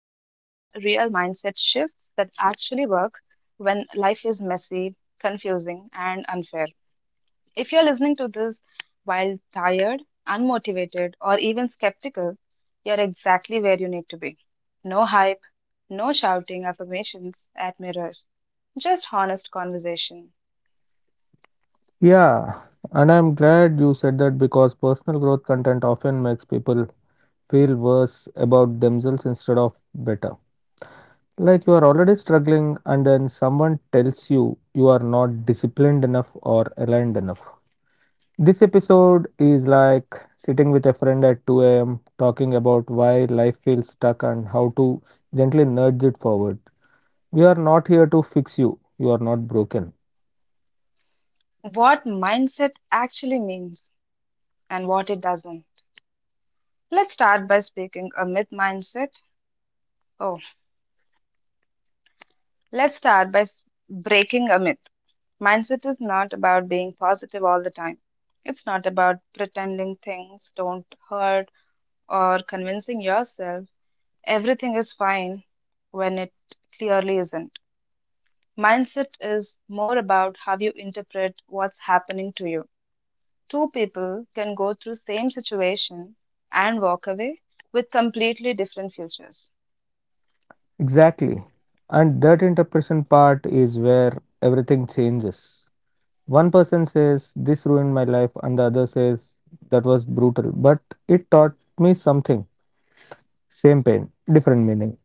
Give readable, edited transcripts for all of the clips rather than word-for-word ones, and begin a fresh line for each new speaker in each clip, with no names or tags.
mindset shifts that actually work when life is messy, confusing, and unfair. If you're listening to this while tired, unmotivated, or even skeptical, you're exactly where you need to be. No hype, no shouting affirmations at mirrors, just honest conversation.
Yeah, and I'm glad you said that because personal growth content often makes people feel worse about themselves instead of better. Like you are already struggling, and then someone tells you you are not disciplined enough or aligned enough. This episode is like sitting with a friend at 2 a.m., talking about why life feels stuck and how to gently nudge it forward. We are not here to fix you, you are not broken.
What mindset actually means and what it doesn't. Let's start by speaking a myth mindset. Oh, let's start by s- breaking a myth. Mindset is not about being positive all the time. It's not about pretending things don't hurt or convincing yourself everything is fine when it clearly isn't. Mindset is more about how you interpret what's happening to you. Two people can go through same situation and walk away with completely different futures.
Exactly. And that interpretation part is where everything changes. One person says, This ruined my life, and the other says, That was brutal, but it taught me something. Same pain, different meaning.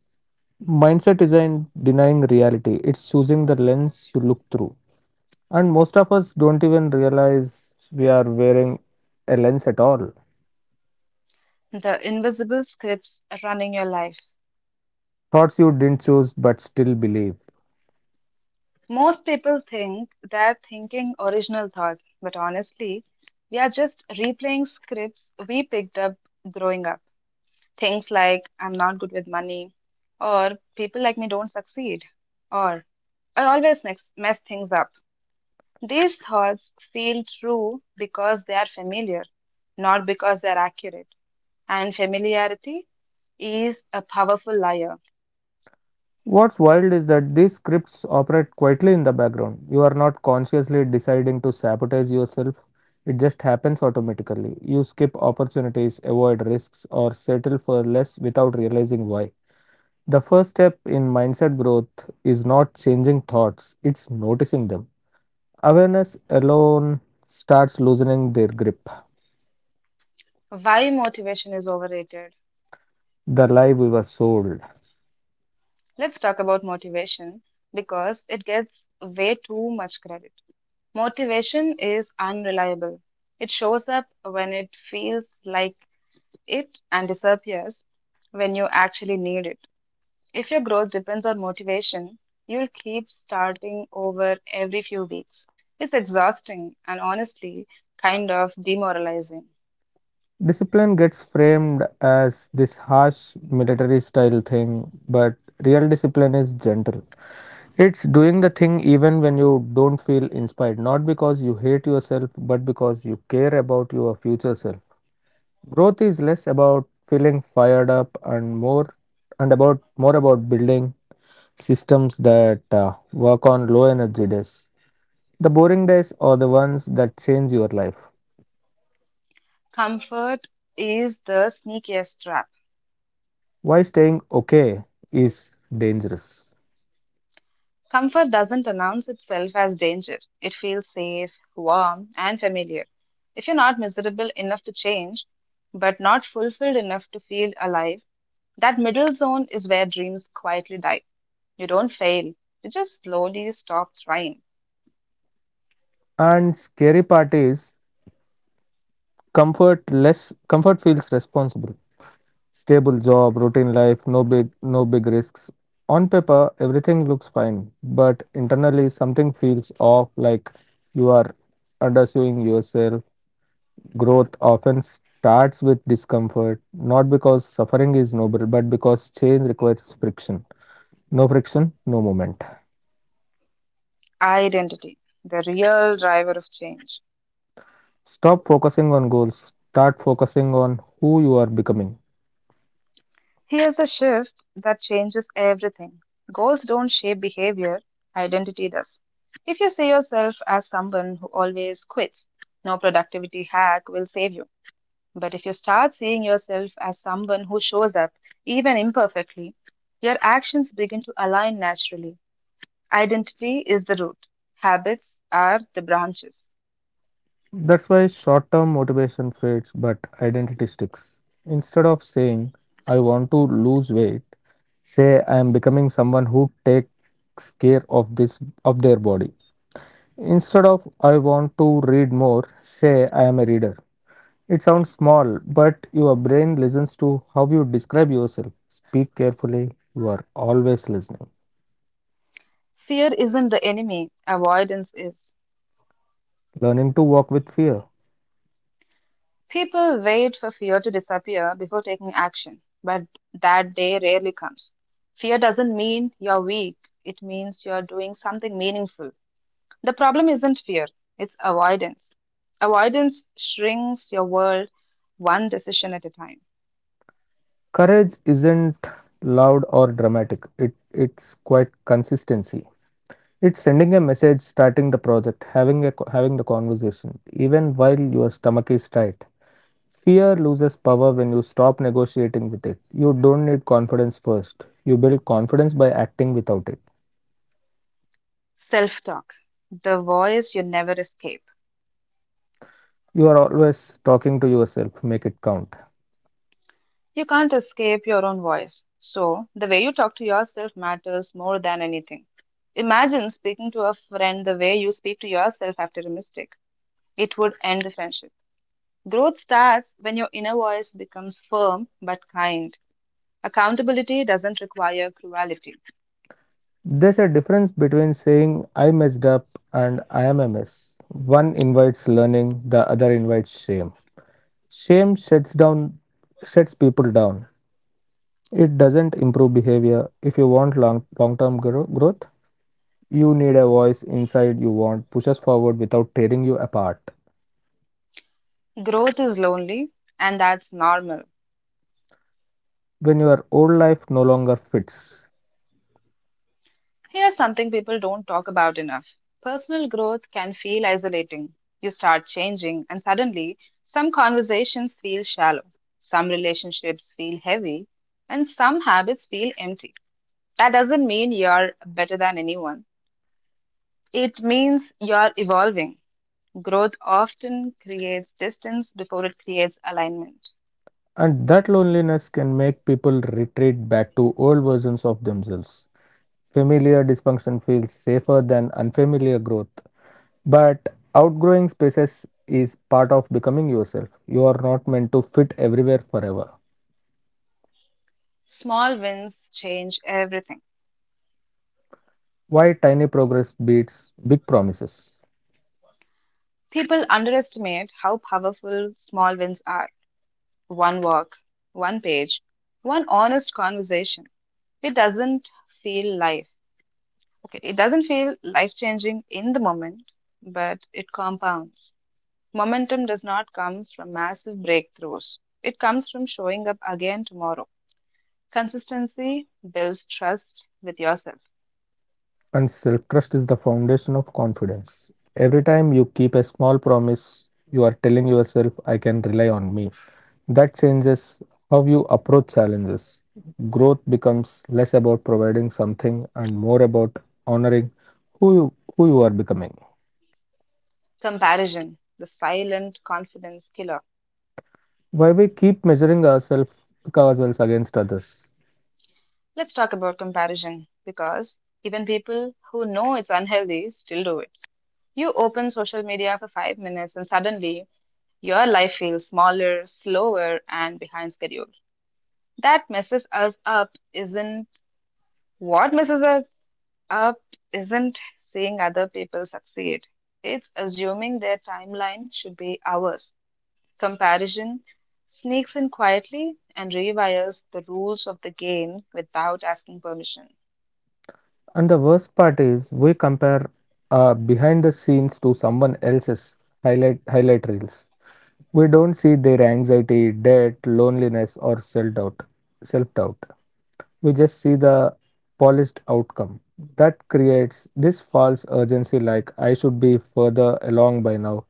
Mindset isn't denying reality, it's choosing the lens you look through. And most of us don't even realize we are wearing a lens at all.
The invisible scripts running your life.
Thoughts you didn't choose but still believe.
Most people think they're thinking original thoughts, but honestly, we are just replaying scripts we picked up growing up. Things like I'm not good with money, or people like me don't succeed, or I always mess things up. These thoughts feel true because they are familiar, not because they are accurate. And familiarity is a powerful liar.
What's wild is that these scripts operate quietly in the background. You are not consciously deciding to sabotage yourself, it just happens automatically. You skip opportunities, avoid risks, or settle for less without realizing why. The first step in mindset growth is not changing thoughts, it's noticing them. Awareness alone starts loosening their grip.
Why motivation is overrated?
The lie we were sold.
Let's talk about motivation because it gets way too much credit. Motivation is unreliable. It shows up when it feels like it and disappears when you actually need it. If your growth depends on motivation, you'll keep starting over every few weeks. It's exhausting and honestly kind of demoralizing.
Discipline gets framed as this harsh military style thing, but real discipline is gentle. It's doing the thing even when you don't feel inspired, not because you hate yourself, but because you care about your future self. Growth is less about feeling fired up and more and about more about building systems that work on low energy days. The boring days are the ones that change your life.
Comfort is the sneakiest trap.
Why staying okay is dangerous.
Comfort doesn't announce itself as danger. It feels safe, warm, and familiar. If you're not miserable enough to change, but not fulfilled enough to feel alive, that middle zone is where dreams quietly die. You don't fail, you just slowly stop trying.
And scary part is comfort feels responsible. Stable job, routine life, no big risks. On paper everything looks fine, but internally something feels off like you are undersuing yourself. Growth often starts with discomfort, not because suffering is noble, but because change requires friction. No friction, no movement.
Identity, the real driver of change.
Stop focusing on goals, start focusing on who you are becoming.
Here's the shift that changes everything goals don't shape behavior, identity does. If you see yourself as someone who always quits, no productivity hack will save you. But if you start seeing yourself as someone who shows up, even imperfectly, your actions begin to align naturally. Identity is the root, habits are the branches.
That's why short term motivation fades but identity sticks. Instead of saying, I want to lose weight, say I am becoming someone who takes care of this of their body. Instead of I want to read more, say I am a reader. It sounds small, but your brain listens to how you describe yourself. Speak carefully, you are always listening.
Fear isn't the enemy, avoidance is.
Learning to walk with fear.
People wait for fear to disappear before taking action, but that day rarely comes. Fear doesn't mean you're weak, it means you're doing something meaningful. The problem isn't fear, it's avoidance. Avoidance shrinks your world one decision at a time.
Courage isn't loud or dramatic. It's quite consistency. It's sending a message, starting the project, having the conversation, even while your stomach is tight. Fear loses power when you stop negotiating with it. You don't need confidence first. You build confidence by acting without it.
Self talk, the voice you never escape.
You are always talking to yourself, make it count.
You can't escape your own voice. So, the way you talk to yourself matters more than anything. Imagine speaking to a friend the way you speak to yourself after a mistake. It would end the friendship. Growth starts when your inner voice becomes firm but kind. Accountability doesn't require cruelty.
There's a difference between saying I messed up and I am a mess. One invites learning, the other invites shame. Shame shuts down shuts people down. It doesn't improve behavior. If you want long term growth, you need a voice inside you want pushes forward without tearing you apart
Growth is lonely, and that's normal.
when your old life no longer fits,
Here's something people don't talk about enough. Personal growth can feel isolating. You start changing, and suddenly, some conversations feel shallow, some relationships feel heavy, and some habits feel empty. That doesn't mean you're better than anyone, it means you're evolving. Growth often creates distance before it creates alignment.
and that loneliness can make people retreat back to old versions of themselves. Familiar dysfunction feels safer than unfamiliar growth, but outgrowing spaces is part of becoming yourself. You are not meant to fit everywhere forever.
Small wins change everything.
Why tiny progress beats big promises.
People underestimate how powerful small wins are. One walk, one page, one honest conversation. It doesn't feel life. Okay, it doesn't feel life changing in the moment, but it compounds. Momentum does not come from massive breakthroughs, it comes from showing up again tomorrow. Consistency builds trust with yourself.
And self trust is the foundation of confidence. Every time you keep a small promise, you are telling yourself, I can rely on me. That changes how you approach challenges. Growth becomes less about providing something and more about honoring who you are becoming.
Comparison, the silent confidence killer.
Why we keep measuring ourselves ourselves against others.
Let's talk about comparison because even people who know it's unhealthy still do it. You open social media for 5 minutes and suddenly your life feels smaller, slower, and behind schedule. That messes us up isn't what messes us up isn't seeing other people succeed. It's assuming their timeline should be ours. Comparison sneaks in quietly and rewires the rules of the game without asking permission,
And the worst part is we compare behind the scenes to someone else's highlight reels. We don't see their anxiety, debt, loneliness, or self doubt. Self doubt. We just see the polished outcome. That creates this false urgency like I should be further along by now.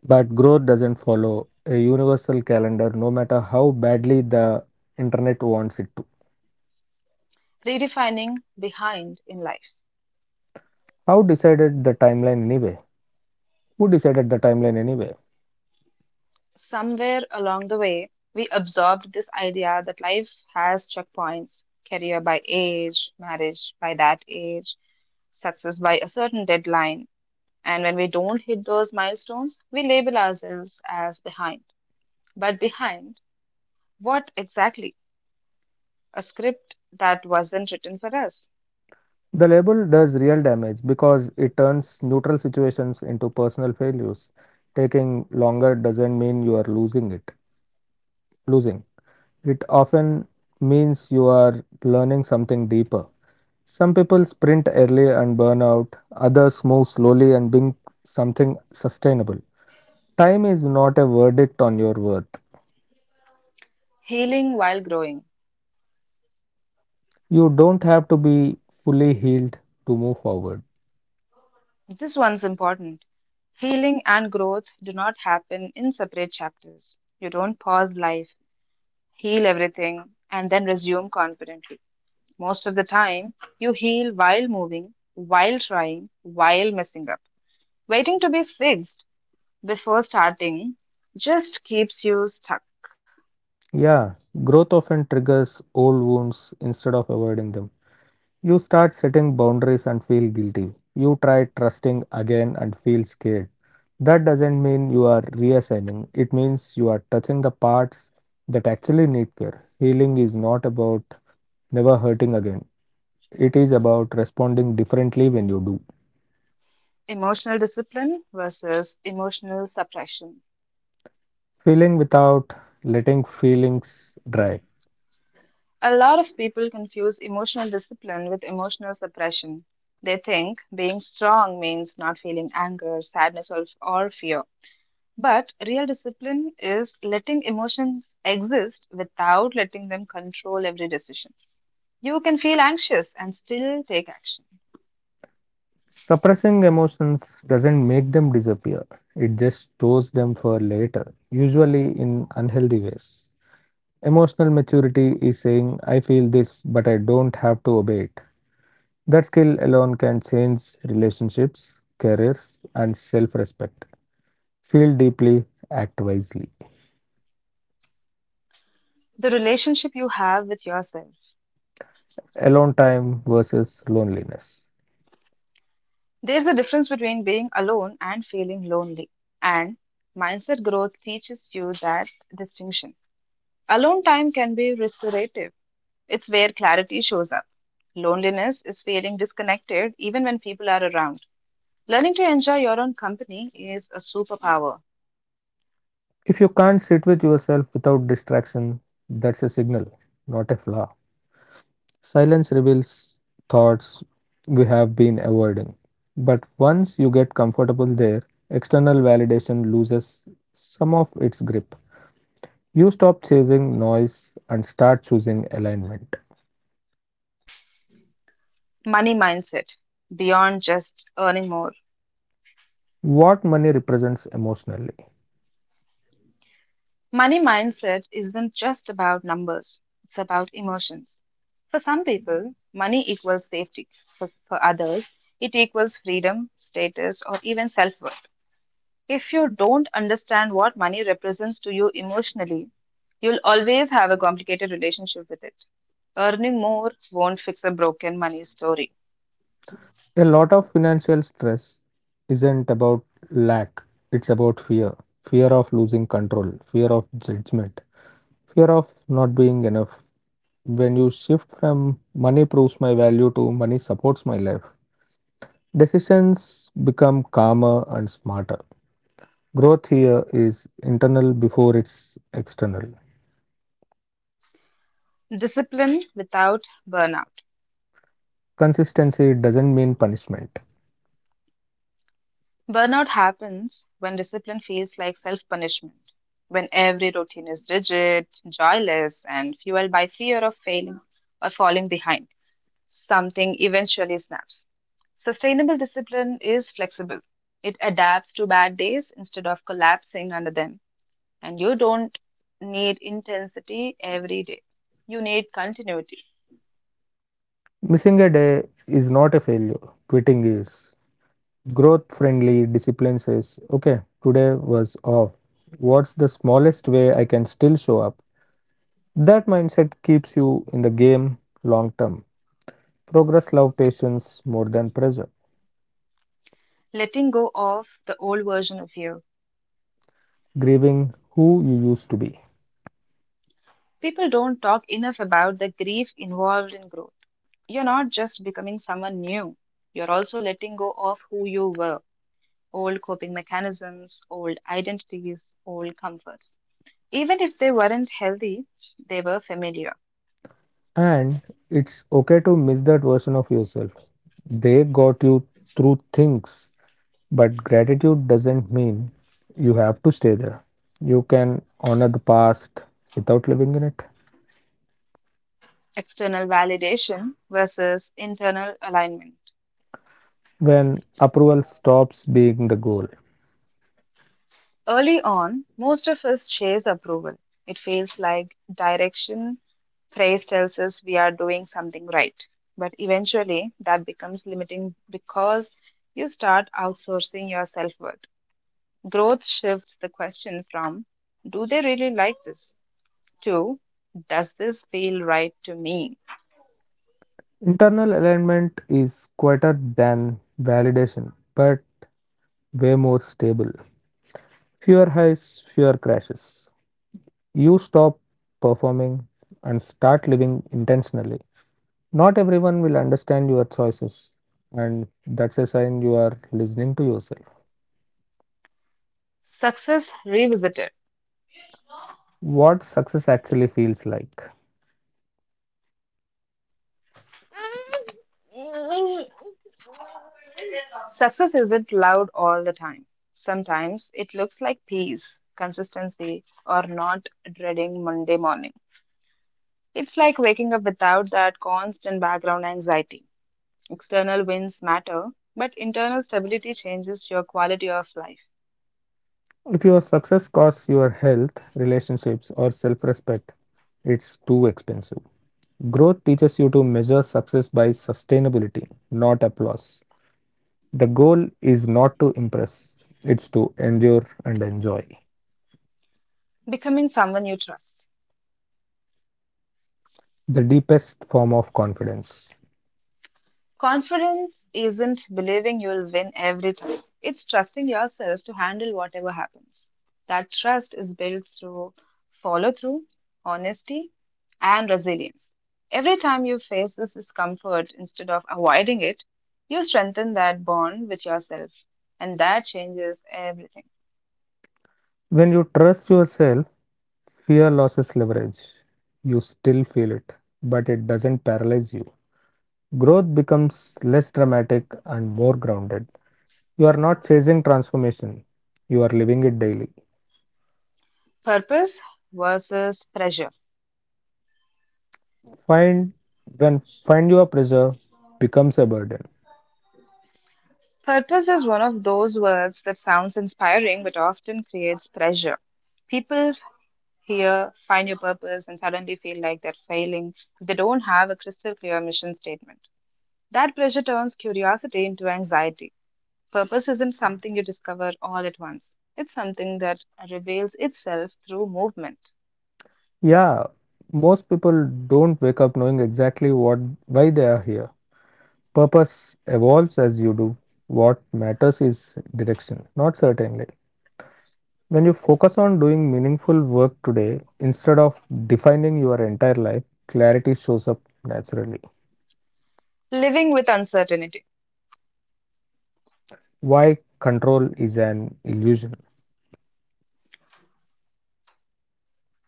But growth doesn't follow a universal calendar no matter how badly the internet wants it to.
redefining behind in life.
How decided the timeline anyway? Who decided the timeline anyway?
Somewhere along the way, we absorbed this idea that life has checkpoints career by age, marriage by that age, success by a certain deadline. And when we don't hit those milestones, we label ourselves as behind. But behind what exactly? A script that wasn't written for us.
The label does real damage because it turns neutral situations into personal failures. Taking longer doesn't mean you are losing it. Losing. It often means you are learning something deeper. Some people sprint early and burn out, others move slowly and bring something sustainable. Time is not a verdict on your worth.
Healing while growing.
You don't have to be fully healed to move forward.
This one's important. Healing and growth do not happen in separate chapters. You don't pause life heal everything, and then resume confidently. Most of the time, you heal while moving, while trying, while messing up. Waiting to be fixed before starting just keeps you stuck.
Yeah, growth often triggers old wounds instead of avoiding them. You start setting boundaries and feel guilty. You try trusting again and feel scared. That doesn't mean you are reassigning, it means you are touching the parts that actually need care. Healing is not about never hurting again, it is about responding differently when you do.
Emotional discipline versus emotional suppression.
Feeling without letting feelings dry.
A lot of people confuse emotional discipline with emotional suppression. They think being strong means not feeling anger, sadness, or fear. But real discipline is letting emotions exist without letting them control every decision. You can feel anxious and still take action.
Suppressing emotions doesn't make them disappear, it just stores them for later, usually in unhealthy ways. Emotional maturity is saying, I feel this, but I don't have to obey it. That skill alone can change relationships, careers, and self respect. Feel deeply, act wisely.
The relationship you have with yourself.
Alone time versus loneliness.
There's a difference between being alone and feeling lonely. And mindset growth teaches you that distinction. Alone time can be restorative, it's where clarity shows up. Loneliness is feeling disconnected even when people are around. Learning to enjoy your own company is a superpower.
If you can't sit with yourself without distraction, that's a signal, not a flaw. Silence reveals thoughts we have been avoiding. But once you get comfortable there, external validation loses some of its grip. You stop chasing noise and start choosing alignment.
Money mindset, beyond just earning more.
What money represents emotionally.
Money mindset isn't just about numbers, it's about emotions. For some people, money equals safety. For others, it equals freedom, status, or even self worth. If you don't understand what money represents to you emotionally, you'll always have a complicated relationship with it. Earning more won't fix a broken money story.
A lot of financial stress isn't about lack, it's about fear. Fear of losing control, fear of judgment, fear of not being enough. When you shift from money proves my value to money supports my life, decisions become calmer and smarter. Growth here is internal before it's external.
Discipline without burnout.
Consistency doesn't mean punishment.
Burnout happens when discipline feels like self punishment, when every routine is rigid, joyless, and fueled by fear of failing or falling behind. Something eventually snaps. Sustainable discipline is flexible, it adapts to bad days instead of collapsing under them. And you don't need intensity every day, you need continuity.
Missing a day is not a failure. Quitting is. Growth friendly discipline says, okay, today was off. What's the smallest way I can still show up? That mindset keeps you in the game long term. Progress loves patience more than pressure.
Letting go of the old version of you
Grieving who you used to be.
People don't talk enough about the grief involved in growth. You're not just becoming someone new, you're also letting go of who you were old coping mechanisms, old identities, old comforts. Even if they weren't healthy, they were familiar.
And it's okay to miss that version of yourself. They got you through things. But gratitude doesn't mean you have to stay there. You can honor the past without living in it.
External validation versus internal alignment.
When approval stops being the goal,
Early on, most of us chase approval. It feels like direction, praise tells us we are doing something right. But eventually, that becomes limiting because you start outsourcing your self worth. Growth shifts the question from, do they really like this? To, does this feel right to me?
internal alignment is quieter than validation, but way more stable. Fewer highs, fewer crashes. You stop performing and start living intentionally. Not everyone will understand your choices, and that's a sign you are listening to yourself.
Success revisited.
What success actually feels like.
Success isn't loud all the time. Sometimes it looks like peace, consistency, or not dreading Monday morning. It's like waking up without that constant background anxiety. External wins matter, but internal stability changes your quality of life,
If your success costs your health, relationships, or self respect, it's too expensive. Growth teaches you to measure success by sustainability, not applause. The goal is not to impress, it's to endure and enjoy.
becoming someone you trust.
The deepest form of confidence.
Confidence isn't believing you'll win every time. It's trusting yourself to handle whatever happens. That trust is built through follow through, honesty, and resilience. Every time you face this discomfort instead of avoiding it, you strengthen that bond with yourself, and that changes everything.
When you trust yourself, fear loses leverage. You still feel it, but it doesn't paralyze you. Growth becomes less dramatic and more grounded. You are not chasing transformation, you are living it daily.
Purpose versus pressure.
Find find your pleasure becomes a burden.
Purpose is one of those words that sounds inspiring but often creates pressure. People here, find your purpose, and suddenly feel like they're failing if they don't have a crystal clear mission statement. That pressure turns curiosity into anxiety. Purpose isn't something you discover all at once, it's something that reveals itself through movement.
Yeah, most people don't wake up knowing exactly what why they are here. Purpose evolves as you do. What matters is direction, not certainly. When you focus on doing meaningful work today instead of defining your entire life, clarity shows up naturally.
Living with uncertainty.
Why control is an illusion.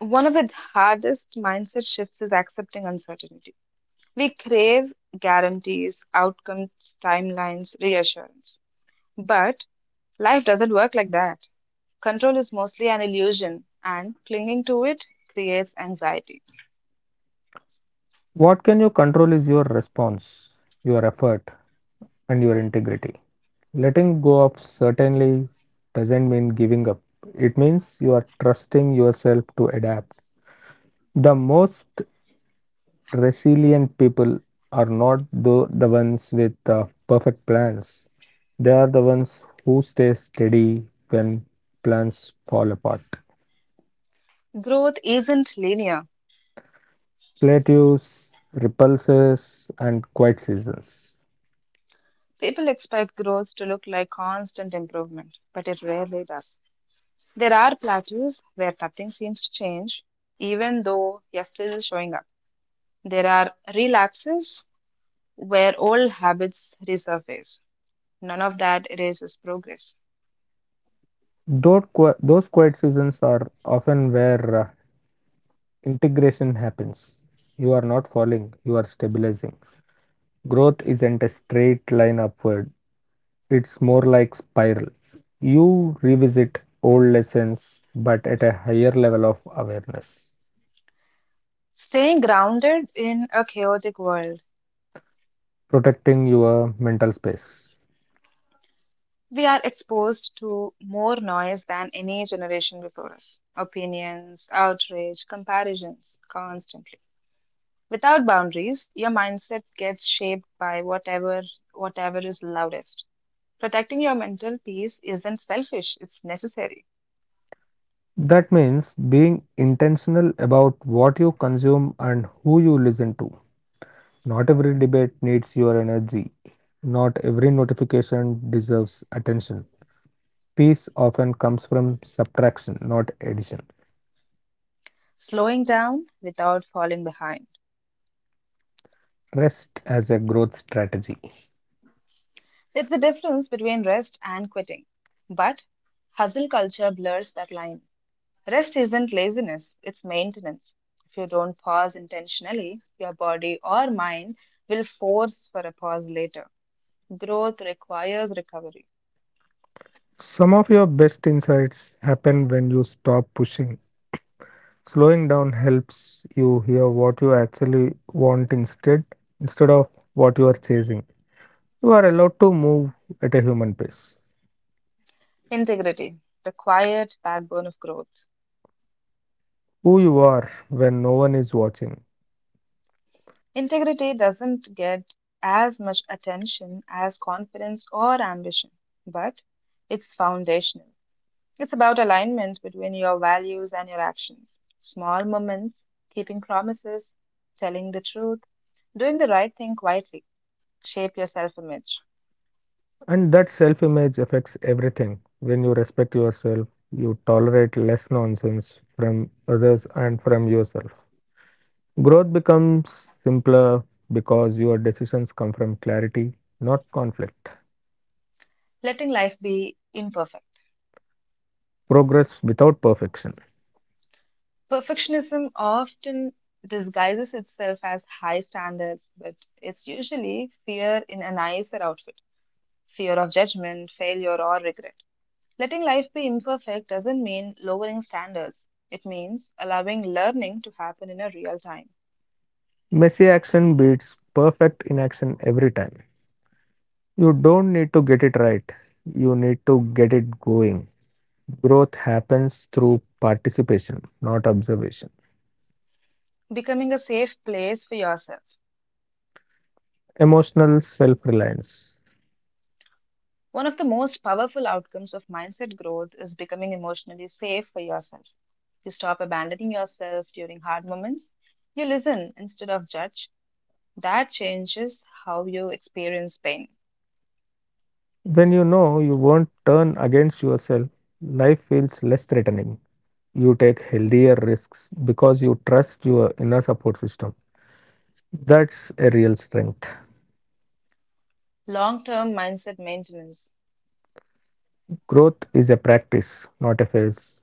One of the hardest mindset shifts is accepting uncertainty. We crave guarantees, outcomes, timelines, reassurance. But life doesn't work like that. Control is mostly an illusion, and clinging to it creates anxiety.
What can you control is your response, your effort, and your integrity. Letting go of certainly doesn't mean giving up, it means you are trusting yourself to adapt. The most resilient people are not the ones with perfect plans, they are the ones who stay steady when plans fall apart.
Growth isn't linear.
Plateaus, repulses, and quiet seasons.
People expect growth to look like constant improvement, but it rarely does. There are plateaus where nothing seems to change, even though you're still showing up. There are relapses where old habits resurface. None of that erases progress.
Those quiet seasons are often where integration happens. You are not falling, you are stabilizing. Growth isn't a straight line upward, it's more like spiral. You revisit old lessons but at a higher level of awareness,
Staying grounded in a chaotic world
protecting your mental space.
We are exposed to more noise than any generation before us. Opinions, outrage, comparisons, constantly. Without boundaries, your mindset gets shaped by whatever is loudest. Protecting your mental peace isn't selfish, it's necessary.
That means being intentional about what you consume and who you listen to. Not every debate needs your energy. Not every notification deserves attention. Peace often comes from subtraction, not addition.
Slowing down without falling behind.
Rest as a growth strategy.
It's the difference between rest and quitting. But hustle culture blurs that line. Rest isn't laziness, it's maintenance. If you don't pause intentionally, your body or mind will force for a pause later. Growth requires recovery.
Some of your best insights happen when you stop pushing. Slowing down helps you hear what you actually want instead of what you are chasing. You are allowed to move at a human pace.
Integrity, the quiet backbone of growth.
Who you are when no one is watching.
Integrity doesn't get as much attention as confidence or ambition, but it's foundational. It's about alignment between your values and your actions. Small moments, keeping promises, telling the truth, doing the right thing quietly shape your self image,
And that self image affects everything. When you respect yourself, you tolerate less nonsense from others and from yourself. Growth becomes simpler because your decisions come from clarity, not conflict.
letting life be imperfect.
Progress without perfection.
Perfectionism often disguises itself as high standards, but it's usually fear in a nicer outfit, fear of judgment, failure, or regret. Letting life be imperfect doesn't mean lowering standards, it means allowing learning to happen in a real time,
Messy action beats perfect inaction every time. You don't need to get it right, you need to get it going. Growth happens through participation, not observation.
becoming a safe place for yourself.
Emotional self reliance.
One of the most powerful outcomes of mindset growth is becoming emotionally safe for yourself. You stop abandoning yourself during hard moments. You listen instead of judge. That changes how you experience pain.
When you know you won't turn against yourself, life feels less threatening. You take healthier risks because you trust your inner support system. That's a real strength.
Long term mindset maintenance.
Growth is a practice, not a phase.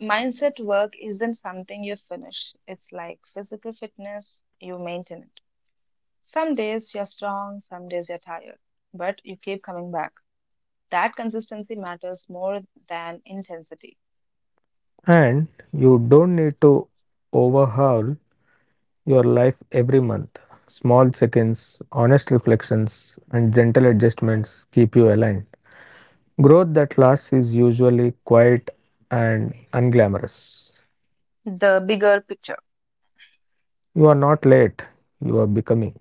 Mindset work isn't something you finish, it's like physical fitness, you maintain it. Some days you're strong, some days you're tired, but you keep coming back. That consistency matters more than intensity.
And you don't need to overhaul your life every month. Small check ins, honest reflections, and gentle adjustments keep you aligned. Growth that lasts is usually quiet and unglamorous.
The bigger picture.
You are not late, you are becoming.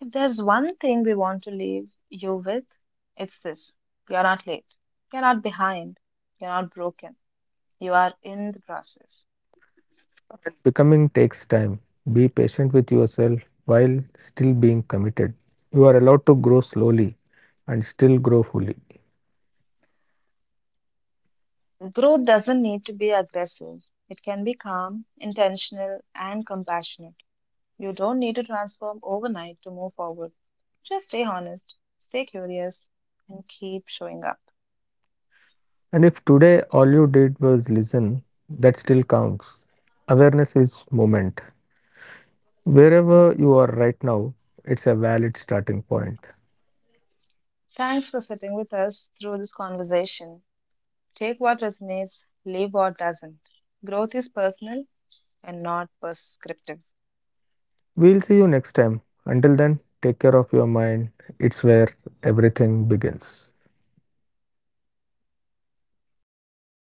If there's one thing we want to leave you with, it's this you're not late, you're not behind, you're not broken, you are in the process.
And becoming takes time. Be patient with yourself while still being committed. You are allowed to grow slowly and still grow fully.
Growth doesn't need to be aggressive, it can be calm, intentional, and compassionate. You don't need to transform overnight to move forward. Just stay honest, stay curious, and keep showing up.
And if today all you did was listen, that still counts. Awareness is moment. Wherever you are right now, it's a valid starting point.
Thanks for sitting with us through this conversation. Take what resonates, leave what doesn't. Growth is personal and not prescriptive.
We'll see you next time. Until then, take care of your mind. It's where everything begins.